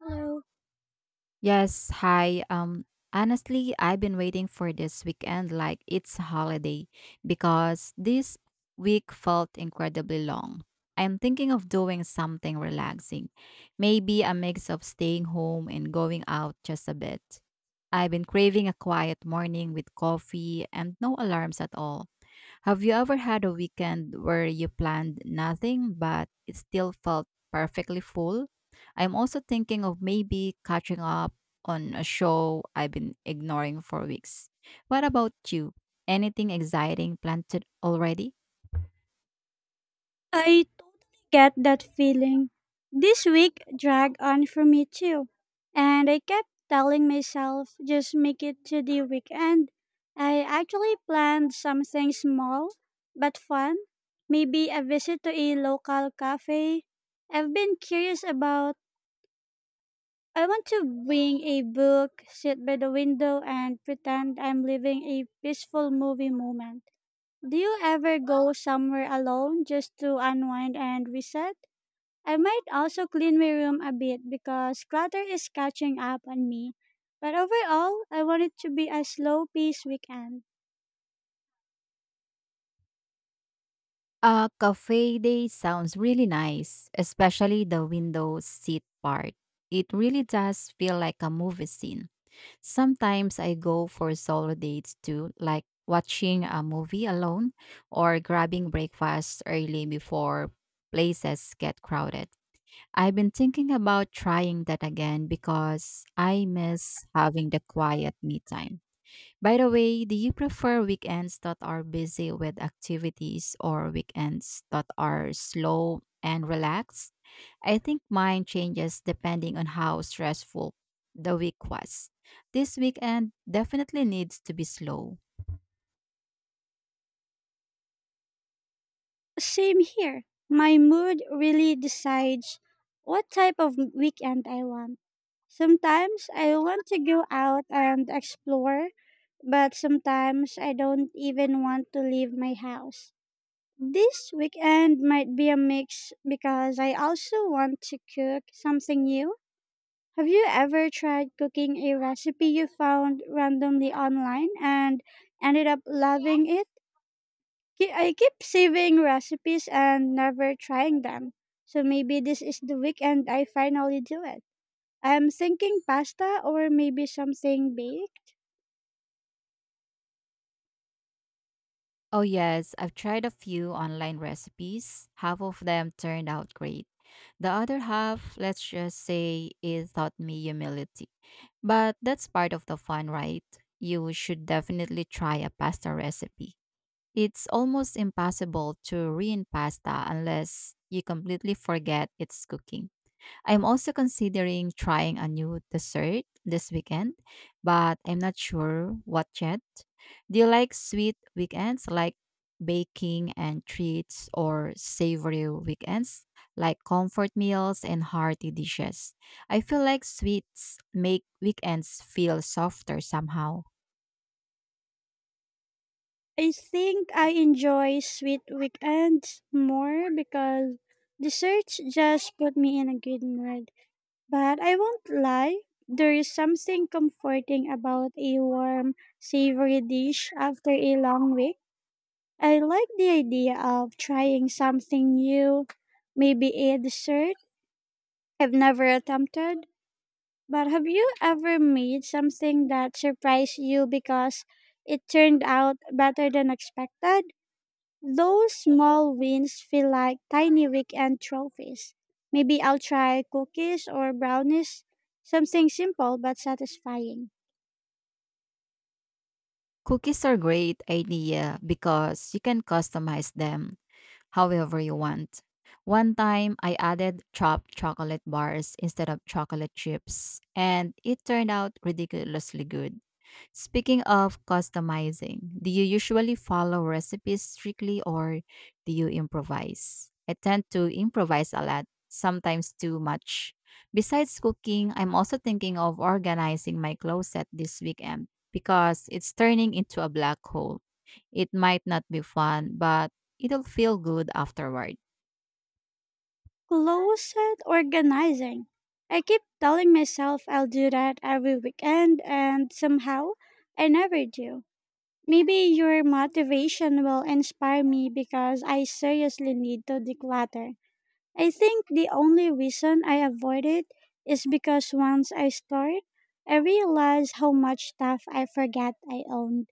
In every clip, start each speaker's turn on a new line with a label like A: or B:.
A: Hello.
B: Yes, hi. Honestly, I've been waiting for this weekend like it's a holiday because this week felt incredibly long. I'm thinking of doing something relaxing, maybe a mix of staying home and going out just a bit. I've been craving a quiet morning with coffee and no alarms at all. Have you ever had a weekend where you planned nothing but it still felt perfectly full? I'm also thinking of maybe catching up on a show I've been ignoring for weeks. What about you? Anything exciting already?
A: I totally get that feeling. This week dragged on for me too, and I kept telling myself just make it to the weekend. I actually planned something small but fun, maybe a visit to a local cafe. I've been curious about I want to bring a book, sit by the window and pretend I'm living a peaceful movie moment. Do you ever go somewhere alone just to unwind and reset? I might also clean my room a bit because clutter is catching up on me. But overall, I want it to be a slow pace weekend.
B: A cafe day sounds really nice, especially the window seat part. It really does feel like a movie scene. Sometimes I go for solo dates too, like watching a movie alone or grabbing breakfast early before places get crowded. I've been thinking about trying that again because I miss having the quiet me time. By the way, do you prefer weekends that are busy with activities or weekends that are slow and relaxed? I think mine changes depending on how stressful the week was. This weekend definitely needs to be slow.
A: Same here. My mood really decides what type of weekend I want. Sometimes I want to go out and explore, but sometimes I don't even want to leave my house. This weekend might be a mix because I also want to cook something new. Have you ever tried cooking a recipe you found randomly online and ended up loving it? I keep saving recipes and never trying them. So maybe this is the weekend I finally do it. I'm thinking pasta or maybe something big.
B: Oh, yes, I've tried a few online recipes. Half of them turned out great. The other half, let's just say, it taught me humility. But that's part of the fun, right? You should definitely try a pasta recipe. It's almost impossible to ruin pasta unless you completely forget its cooking. I'm also considering trying a new dessert this weekend, but I'm not sure what yet. Do you like sweet weekends like baking and treats or savory weekends like comfort meals and hearty dishes? I feel like sweets make weekends feel softer somehow.
A: I think I enjoy sweet weekends more because the search just put me in a good mood. But I won't lie, there is something comforting about a warm, savory dish after a long week. I like the idea of trying something new, maybe a dessert I've never attempted. But have you ever made something that surprised you because it turned out better than expected? Those small wins feel like tiny weekend trophies. Maybe I'll try cookies or brownies, something simple but satisfying.
B: Cookies are great idea because you can customize them however you want. One time, I added chopped chocolate bars instead of chocolate chips, and it turned out ridiculously good. Speaking of customizing, do you usually follow recipes strictly or do you improvise? I tend to improvise a lot, sometimes too much. Besides cooking, I'm also thinking of organizing my closet this weekend because it's turning into a black hole. It might not be fun, but it'll feel good afterward.
A: Closet organizing. I keep telling myself I'll do that every weekend, and somehow I never do. Maybe your motivation will inspire me because I seriously need to declutter. I think the only reason I avoid it is because once I start, I realize how much stuff I forgot I owned.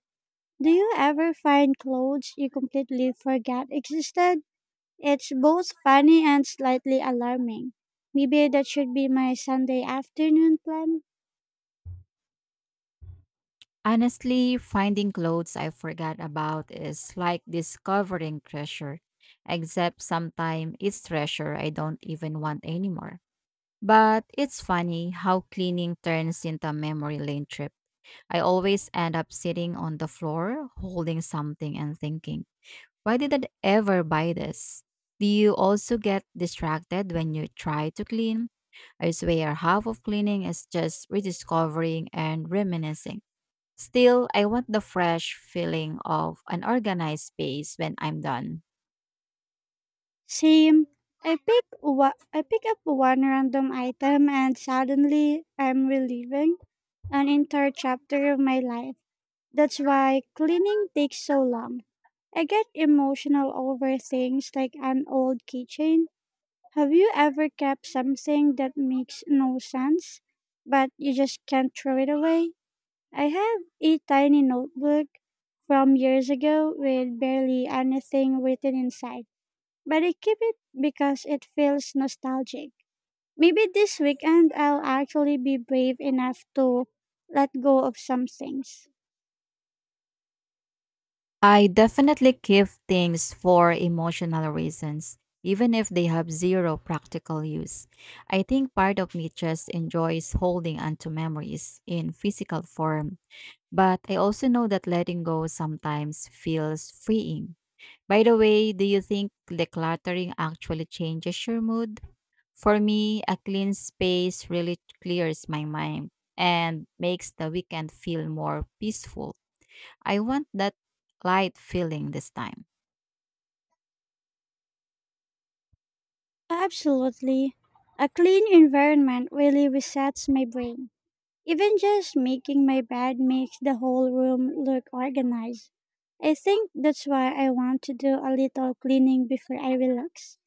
A: Do you ever find clothes you completely forgot existed? It's both funny and slightly alarming. Maybe that should be my Sunday afternoon plan.
B: Honestly, finding clothes I forgot about is like discovering treasure, except sometimes it's treasure I don't even want anymore. But it's funny how cleaning turns into a memory lane trip. I always end up sitting on the floor holding something and thinking, why did I ever buy this? Do you also get distracted when you try to clean? I swear, half of cleaning is just rediscovering and reminiscing. Still, I want the fresh feeling of an organized space when I'm done.
A: Same. I pick up one random item and suddenly I'm reliving an entire chapter of my life. That's why cleaning takes so long. I get emotional over things like an old keychain. Have you ever kept something that makes no sense, but you just can't throw it away? I have a tiny notebook from years ago with barely anything written inside, but I keep it because it feels nostalgic. Maybe this weekend I'll actually be brave enough to let go of some things.
B: I definitely keep things for emotional reasons, even if they have zero practical use. I think part of me just enjoys holding onto memories in physical form, but I also know that letting go sometimes feels freeing. By the way, do you think decluttering actually changes your mood? For me, a clean space really clears my mind and makes the weekend feel more peaceful. I want that light feeling this time.
A: Absolutely. A clean environment really resets my brain. Even just making my bed makes the whole room look organized. I think that's why I want to do a little cleaning before I relax.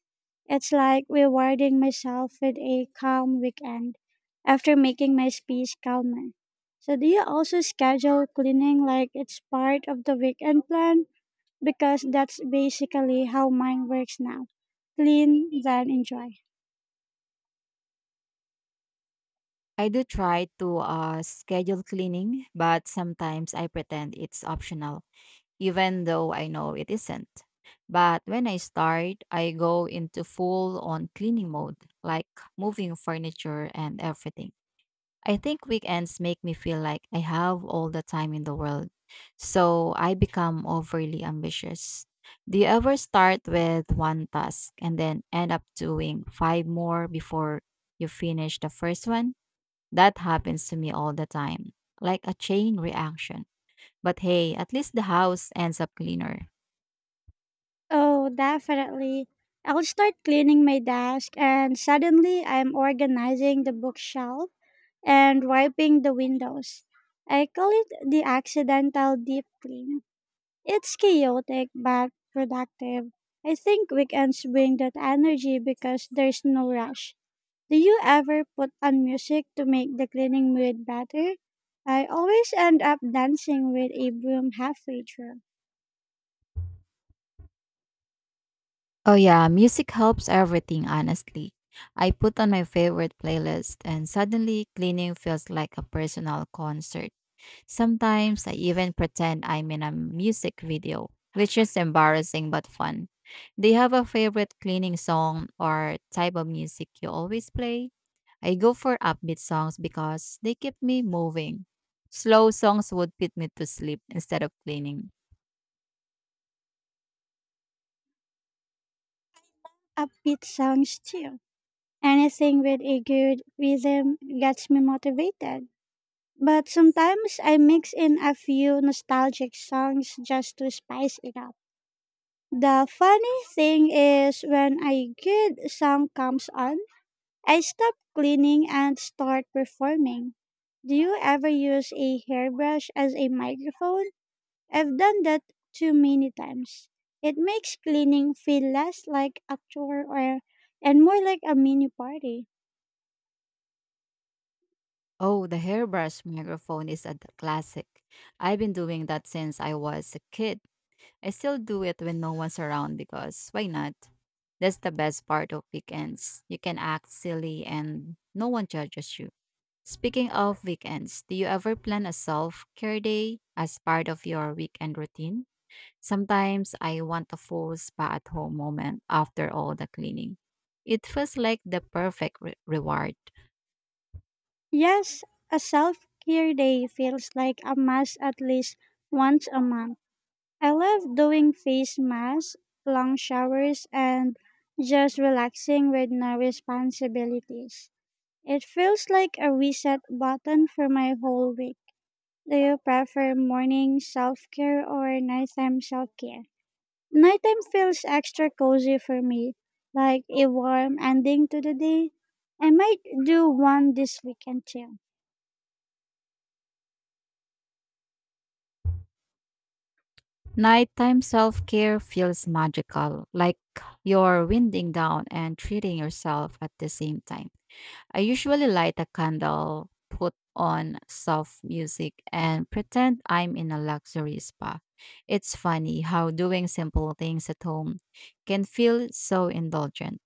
A: It's like rewarding myself with a calm weekend after making my space calmer. So, do you also schedule cleaning like it's part of the weekend plan? Because that's basically how mine works now clean, then enjoy.
B: I do try to schedule cleaning, but sometimes I pretend it's optional even though I know it isn't. But when I start, I go into full on cleaning mode, like moving furniture and everything. I think weekends make me feel like I have all the time in the world, so I become overly ambitious. Do you ever start with one task and then end up doing five more before you finish the first one? That happens to me all the time, like a chain reaction. But hey, at least the house ends up cleaner.
A: Oh, definitely. I'll start cleaning my desk, and suddenly I'm organizing the bookshelf and wiping the windows. I call it the accidental deep clean. It's chaotic but productive. I think weekends bring that energy because there's no rush. Do you ever put on music to make the cleaning mood better? I always end up dancing with a broom halfway through.
B: Oh yeah, music helps everything honestly. I put on my favorite playlist and suddenly cleaning feels like a personal concert. Sometimes I even pretend I'm in a music video, which is embarrassing but fun. Do you have a favorite cleaning song or type of music you always play? I go for upbeat songs because they keep me moving. Slow songs would put me to sleep instead of cleaning.
A: Upbeat songs too. Anything with a good rhythm gets me motivated. But sometimes I mix in a few nostalgic songs just to spice it up. The funny thing is, when a good song comes on, I stop cleaning and start performing. Do you ever use a hairbrush as a microphone? I've done that too many times. It makes cleaning feel less like and more like a mini party.
B: Oh, the hairbrush microphone is a classic. I've been doing that since I was a kid. I still do it when no one's around because why not? That's the best part of weekends. You can act silly and no one judges you. Speaking of weekends, do you ever plan a self care day as part of your weekend routine? Sometimes I want a full spa at home moment after all the cleaning. It feels like the perfect reward.
A: Yes, a self care day feels like a mass at least once a month. I love doing face masks, long showers, and just relaxing with no responsibilities. It feels like a reset button for my whole week. Do you prefer morning self care or nighttime self care? Nighttime feels extra cozy for me, like a warm ending to the day. I might do one this weekend too.
B: Nighttime self care feels magical, like you're winding down and treating yourself at the same time. I usually light a candle, put on soft music, and pretend I'm in a luxury spa. It's funny how doing simple things at home can feel so indulgent.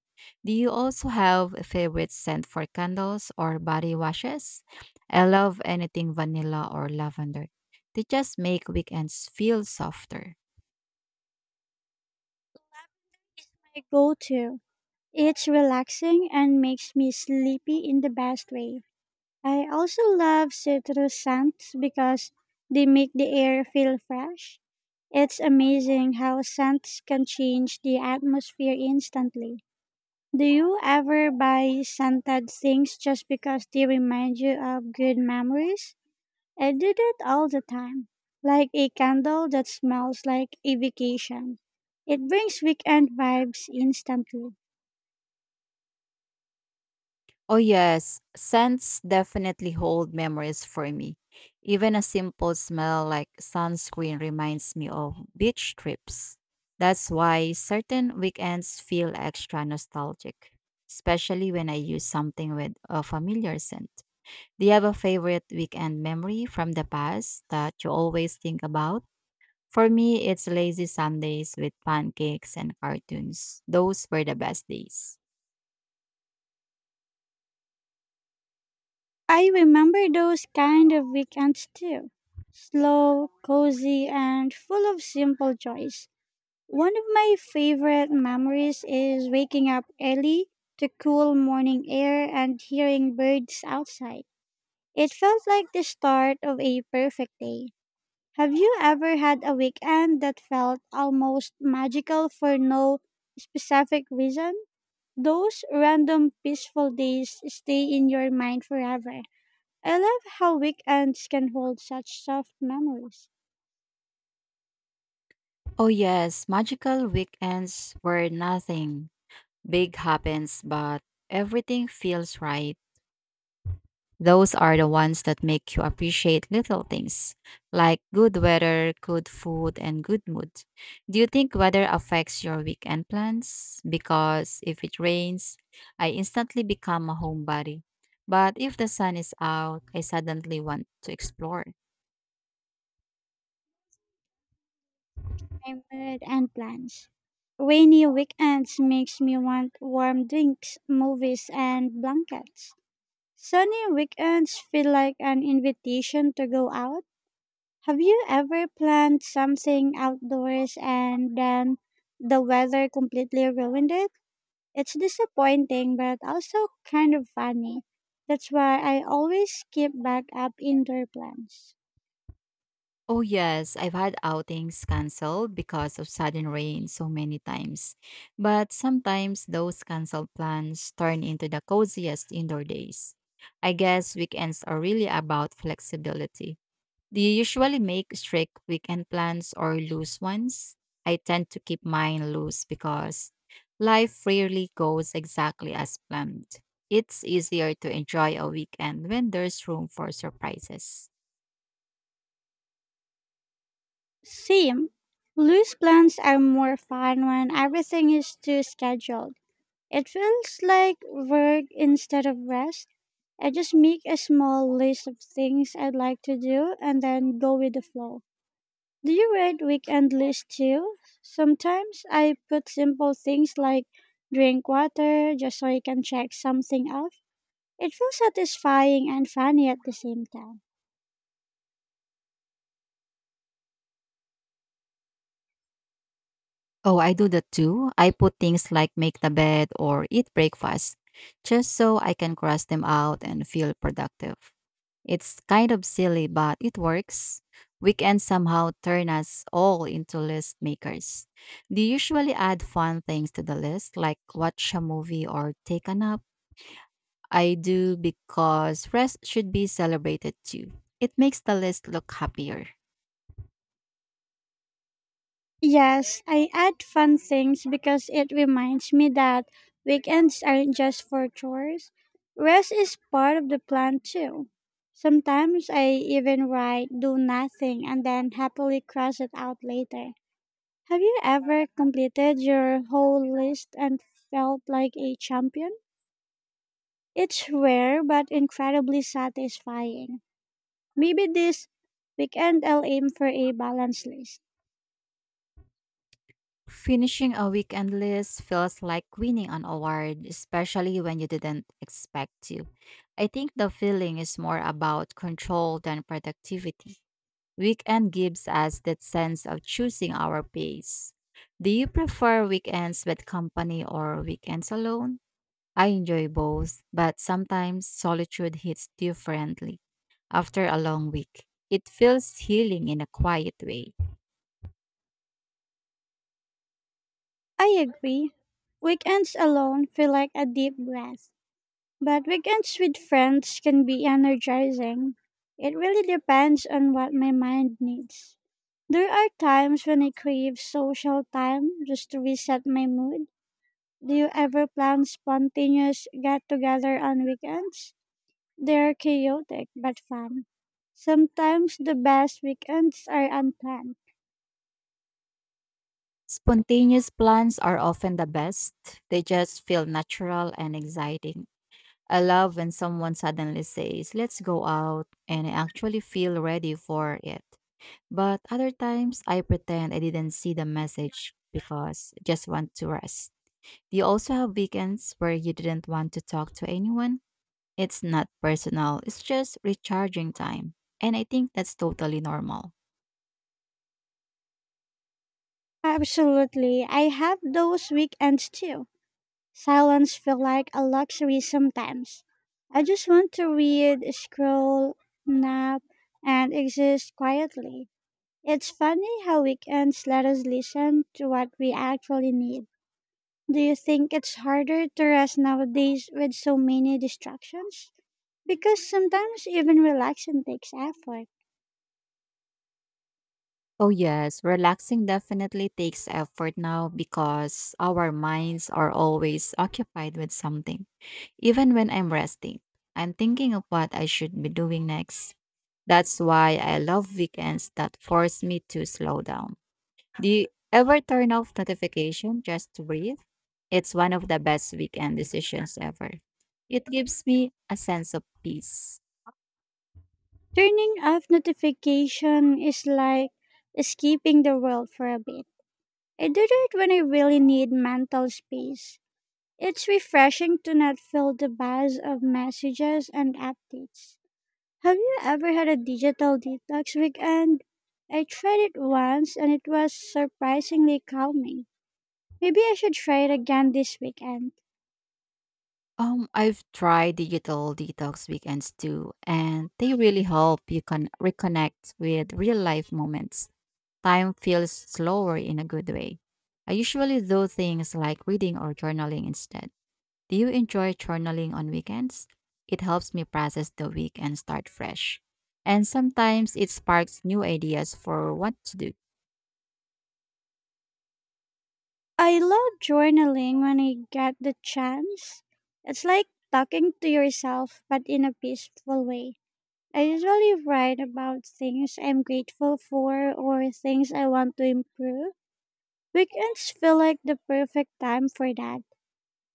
B: Do you also have a favorite scent for candles or body washes? I love anything vanilla or lavender. They just make weekends feel softer.
A: Is my go-to. It's relaxing and makes me sleepy in the best way. I also love citrus scents because they make the air feel fresh. It's amazing how scents can change the atmosphere instantly. Do you ever buy scented things just because they remind you of good memories? I do that all the time, like a candle that smells like a vacation. It brings weekend vibes instantly.
B: Oh, yes. Scents definitely hold memories for me. Even a simple smell like sunscreen reminds me of beach trips. That's why certain weekends feel extra nostalgic, especially when I use something with a familiar scent. Do you have a favorite weekend memory from the past that you always think about? For me, it's lazy Sundays with pancakes and cartoons. Those were the best days.
A: I remember those kind of weekends too. Slow, cozy, and full of simple joys. One of my favorite memories is waking up early to cool morning air and hearing birds outside. It felt like the start of a perfect day. Have you ever had a weekend that felt almost magical for no specific reason? Those random peaceful days stay in your mind forever. I love how weekends can hold such soft memories,
B: Oh, yes, magical weekends where nothing big happens, but everything feels right. Those are the ones that make you appreciate little things like good weather, good food, and good mood. Do you think weather affects your weekend plans? Because if it rains, I instantly become a homebody. But if the sun is out, I suddenly want to explore.
A: my mood, and plans. Rainy weekends makes me want warm drinks, movies, and blankets. Sunny weekends feel like an invitation to go out. Have you ever planned something outdoors and then the weather completely ruined it? It's disappointing but also kind of funny. That's why I always keep backup indoor plans.
B: Oh, yes, I've had outings canceled because of sudden rain so many times. But sometimes those canceled plans turn into the coziest indoor days. I guess weekends are really about flexibility. Do you usually make strict weekend plans or loose ones? I tend to keep mine loose because life rarely goes exactly as planned. It's easier to enjoy a weekend when there's room for surprises.
A: Same. Loose plans are more fun when everything is too scheduled. It feels like work instead of rest. I just make a small list of things I'd like to do and then go with the flow. Do you write weekend lists too? Sometimes I put simple things like drink water just so I can check something off. It feels satisfying and funny at the same time.
B: Oh, I do that too. I put things like make the bed or eat breakfast just so I can cross them out and feel productive. It's kind of silly, but it works. We can somehow turn us all into list makers. Do you usually add fun things to the list, like watch a movie or take a nap? I do because rest should be celebrated too. It makes the list look happier.
A: Yes, I add fun things because it reminds me that weekends aren't just for chores. Rest is part of the plan too. Sometimes I even write do nothing and then happily cross it out later. Have you ever completed your whole list and felt like a champion? It's rare but incredibly satisfying. Maybe this weekend I'll aim for a balanced list.
B: Finishing a weekend list feels like winning an award, especially when you didn't expect to. I think the feeling is more about control than productivity. Weekend gives us that sense of choosing our pace. Do you prefer weekends with company or weekends alone? I enjoy both, but sometimes solitude hits differently. After a long week, it feels healing in a quiet way.
A: I agree. Weekends alone feel like a deep breath, but weekends with friends can be energizing. It really depends on what my mind needs. There are times when I crave social time just to reset my mood. Do you ever plan spontaneous get together on weekends? They're chaotic but fun. Sometimes the best weekends are unplanned.
B: Spontaneous plans are often the best. They just feel natural and exciting. I love when someone suddenly says, let's go out, and I actually feel ready for it. But other times, I pretend I didn't see the message because I just want to rest. Do you also have weekends where you didn't want to talk to anyone? It's not personal, it's just recharging time. And I think that's totally normal.
A: Absolutely, I have those weekends too. Silence feels like a luxury sometimes. I just want to read, scroll, nap, and exist quietly. It's funny how weekends let us listen to what we actually need. Do you think it's harder to rest nowadays with so many distractions? Because sometimes even relaxing takes effort.
B: Oh, yes. Relaxing definitely takes effort now because our minds are always occupied with something. Even when I'm resting, I'm thinking of what I should be doing next. That's why I love weekends that force me to slow down. Do you ever turn off notification just to breathe? It's one of the best weekend decisions ever. It gives me a sense of peace.
A: Turning off notification is like escaping the world for a bit. I do it when I really need mental space. It's refreshing to not feel the buzz of messages and updates. Have you ever had a digital detox weekend? I tried it once and it was surprisingly calming. Maybe I should try it again this weekend.
B: I've tried digital detox weekends too, and they really help you reconnect with real life moments. Time feels slower in a good way. I usually do things like reading or journaling instead. Do you enjoy journaling on weekends? It helps me process the week and start fresh. And sometimes it sparks new ideas for what to do.
A: I love journaling when I get the chance. It's like talking to yourself but in a peaceful way. I usually write about things I'm grateful for or things I want to improve. Weekends feel like the perfect time for that.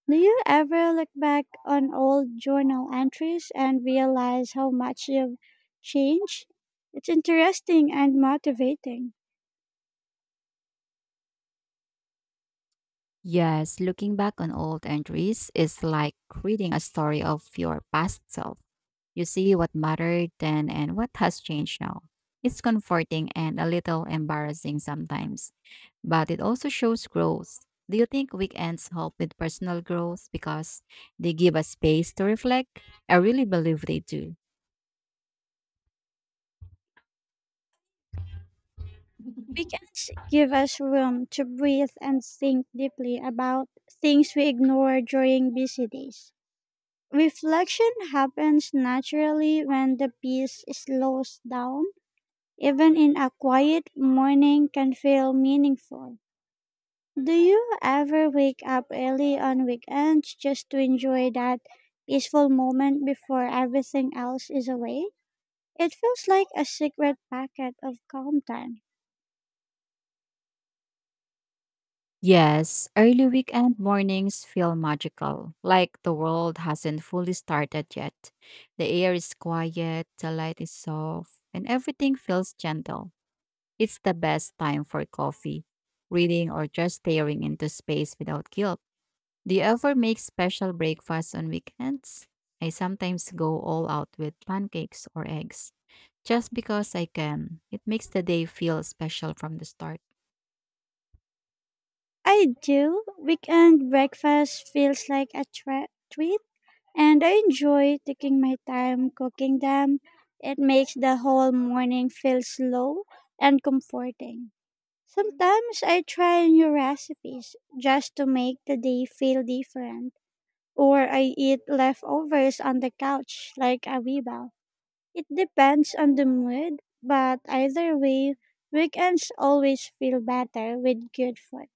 A: Do you ever look back on old journal entries and realize how much you've changed? It's interesting and motivating.
B: Yes, looking back on old entries is like reading a story of your past self. You see what mattered then and what has changed now. It's comforting and a little embarrassing sometimes, but it also shows growth. Do you think weekends help with personal growth because they give us space to reflect? I really believe they do.
A: Weekends give us room to breathe and think deeply about things we ignore during busy days. Reflection happens naturally when the peace slows down. Even in a quiet morning can feel meaningful. Do you ever wake up early on weekends just to enjoy that peaceful moment before everything else is away? It feels like a secret packet of calm time.
B: Yes, early weekend mornings feel magical, like the world hasn't fully started yet. The air is quiet, the light is soft, and everything feels gentle. It's the best time for coffee, reading, or just staring into space without guilt. Do you ever make special breakfasts on weekends? I sometimes go all out with pancakes or eggs, just because I can. It makes the day feel special from the start.
A: I do. Weekend breakfast feels like a treat, and I enjoy taking my time cooking them. It makes the whole morning feel slow and comforting. Sometimes I try new recipes just to make the day feel different or I eat leftovers on the couch like a rebel. It depends on the mood, but either way, weekends always feel better with good food.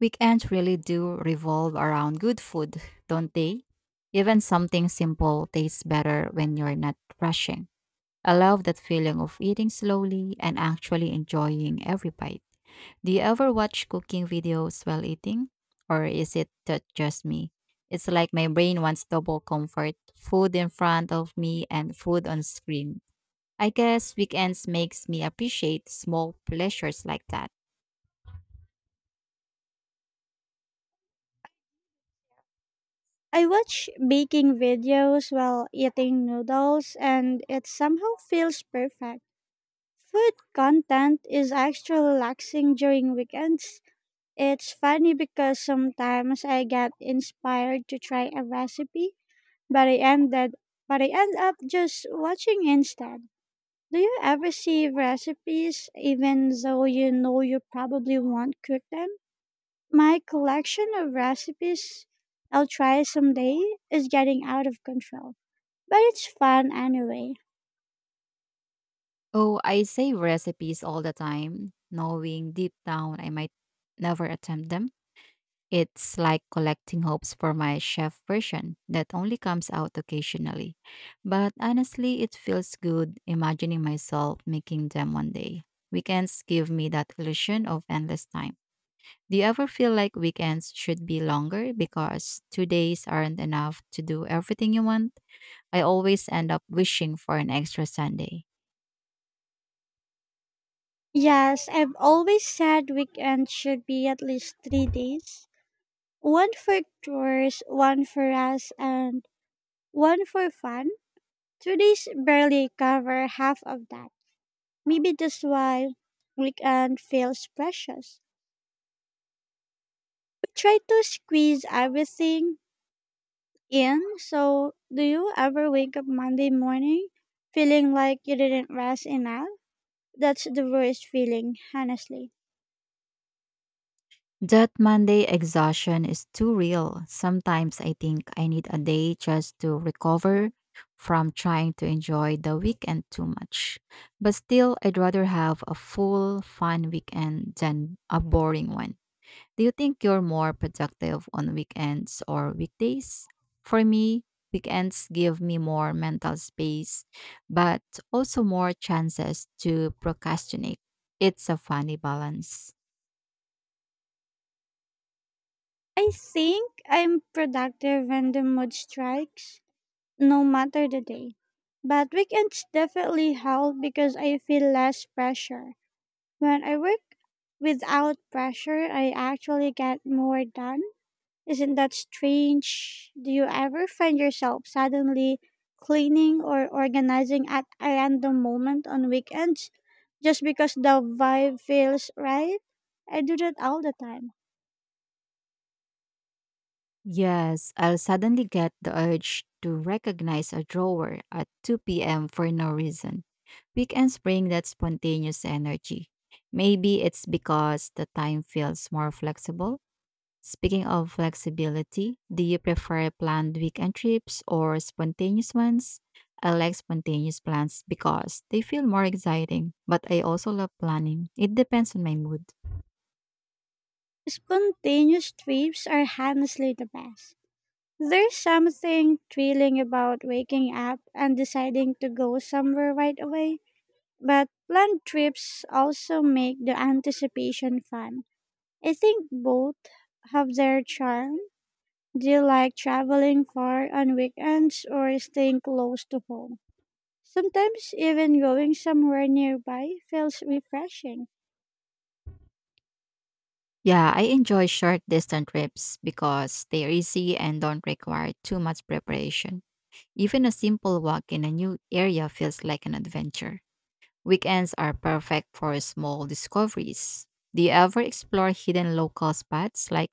B: Weekends really do revolve around good food, don't they? Even something simple tastes better when you're not rushing. I love that feeling of eating slowly and actually enjoying every bite. Do you ever watch cooking videos while eating? Or is it just me? It's like my brain wants double comfort food in front of me and food on screen. I guess weekends makes me appreciate small pleasures like that.
A: I watch baking videos while eating noodles, and it somehow feels perfect. Food content is extra relaxing during weekends. It's funny because sometimes I get inspired to try a recipe, but I ended but I end up just watching instead. Do you ever see recipes even though you know you probably won't cook them? My collection of recipes I'll try someday is getting out of control, but it's fun anyway.
B: Oh, I save recipes all the time, knowing deep down I might never attempt them. It's like collecting hopes for my chef version that only comes out occasionally. But honestly, it feels good imagining myself making them one day. Weekends give me that illusion of endless time. Do you ever feel like weekends should be longer because 2 days aren't enough to do everything you want? I always end up wishing for an extra Sunday.
A: Yes, I've always said weekends should be at least 3 days one for tours, one for us, and one for fun. 2 days barely cover half of that. Maybe that's why weekend feels precious. Try to squeeze everything in. So, do you ever wake up Monday morning feeling like you didn't rest enough? That's the worst feeling, honestly.
B: That Monday exhaustion is too real. Sometimes I think I need a day just to recover from trying to enjoy the weekend too much. But still, I'd rather have a full, fun weekend than a boring one. Do you think you're more productive on weekends or weekdays? For me, weekends give me more mental space, but also more chances to procrastinate. It's a funny balance.
A: I think I'm productive when the mood strikes, no matter the day. But weekends definitely help because I feel less pressure. When I work without pressure, I actually get more done. Isn't that strange? Do you ever find yourself suddenly cleaning or organizing at a random moment on weekends just because the vibe feels right? I do that all the time.
B: Yes, I'll suddenly get the urge to recognize a drawer at 2 p.m. for no reason. Weekends bring that spontaneous energy. Maybe it's because the time feels more flexible. Speaking of flexibility, do you prefer planned weekend trips or spontaneous ones? I like spontaneous plans because they feel more exciting, but I also love planning. It depends on my mood.
A: Spontaneous trips are honestly the best. There's something thrilling about waking up and deciding to go somewhere right away, but planned trips also make the anticipation fun. I think both have their charm. Do you like traveling far on weekends or staying close to home? Sometimes even going somewhere nearby feels refreshing.
B: Yeah, I enjoy short distance trips because they're easy and don't require too much preparation. Even a simple walk in a new area feels like an adventure. Weekends are perfect for small discoveries. Do you ever explore hidden local spots like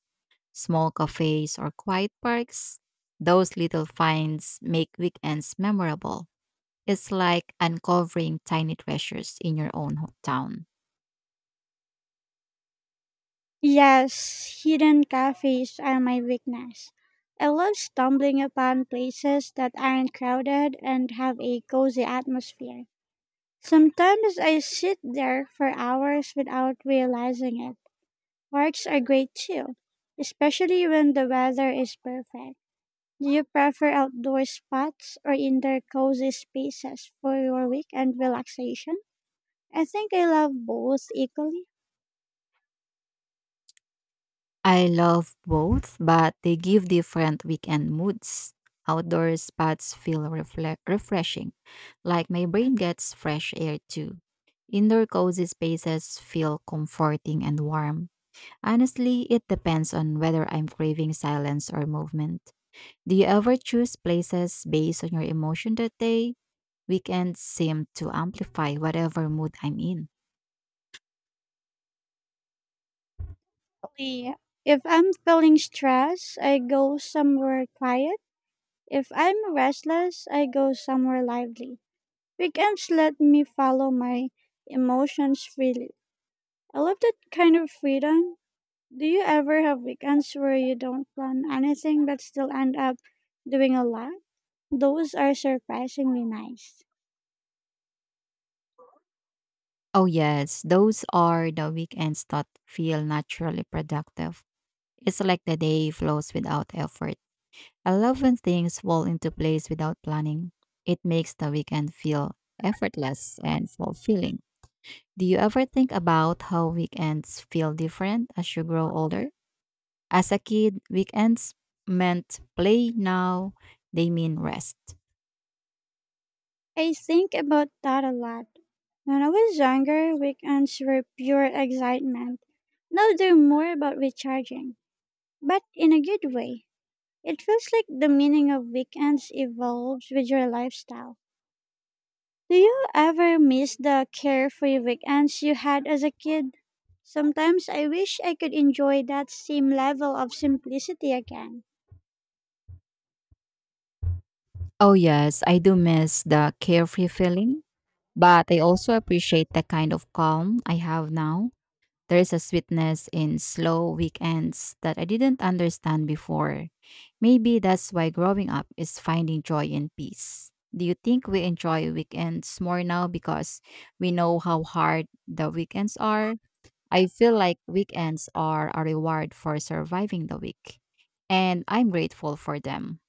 B: small cafes or quiet parks? Those little finds make weekends memorable. It's like uncovering tiny treasures in your own hometown.
A: Yes, hidden cafes are my weakness. I love stumbling upon places that aren't crowded and have a cozy atmosphere. Sometimes I sit there for hours without realizing it. Parks are great too, especially when the weather is perfect. Do you prefer outdoor spots or indoor cozy spaces for your weekend relaxation? I think I love both equally.
B: I love both, but they give different weekend moods. Outdoor spots feel refreshing, like my brain gets fresh air too. Indoor cozy spaces feel comforting and warm. Honestly, it depends on whether I'm craving silence or movement. Do you ever choose places based on your emotion that day? Weekends seem to amplify whatever mood I'm in.
A: Really, if I'm feeling stressed, I go somewhere quiet. If I'm restless, I go somewhere lively. Weekends let me follow my emotions freely. I love that kind of freedom. Do you ever have weekends where you don't plan anything but still end up doing a lot? Those are surprisingly nice.
B: Oh, yes. Those are the weekends that feel naturally productive. It's like the day flows without effort. I love when things fall into place without planning. It makes the weekend feel effortless and fulfilling. Do you ever think about how weekends feel different as you grow older? As a kid, weekends meant play now, they mean rest.
A: I think about that a lot. When I was younger, weekends were pure excitement. Now they're more about recharging, but in a good way. It feels like the meaning of weekends evolves with your lifestyle. Do you ever miss the carefree weekends you had as a kid? Sometimes I wish I could enjoy that same level of simplicity again.
B: Oh, yes. I do miss the carefree feeling, but I also appreciate the kind of calm I have now. There's a sweetness in slow weekends that I didn't understand before. Maybe that's why growing up is finding joy in peace. Do you think we enjoy weekends more now because we know how hard the weekends are? I feel like weekends are a reward for surviving the week, and I'm grateful for them.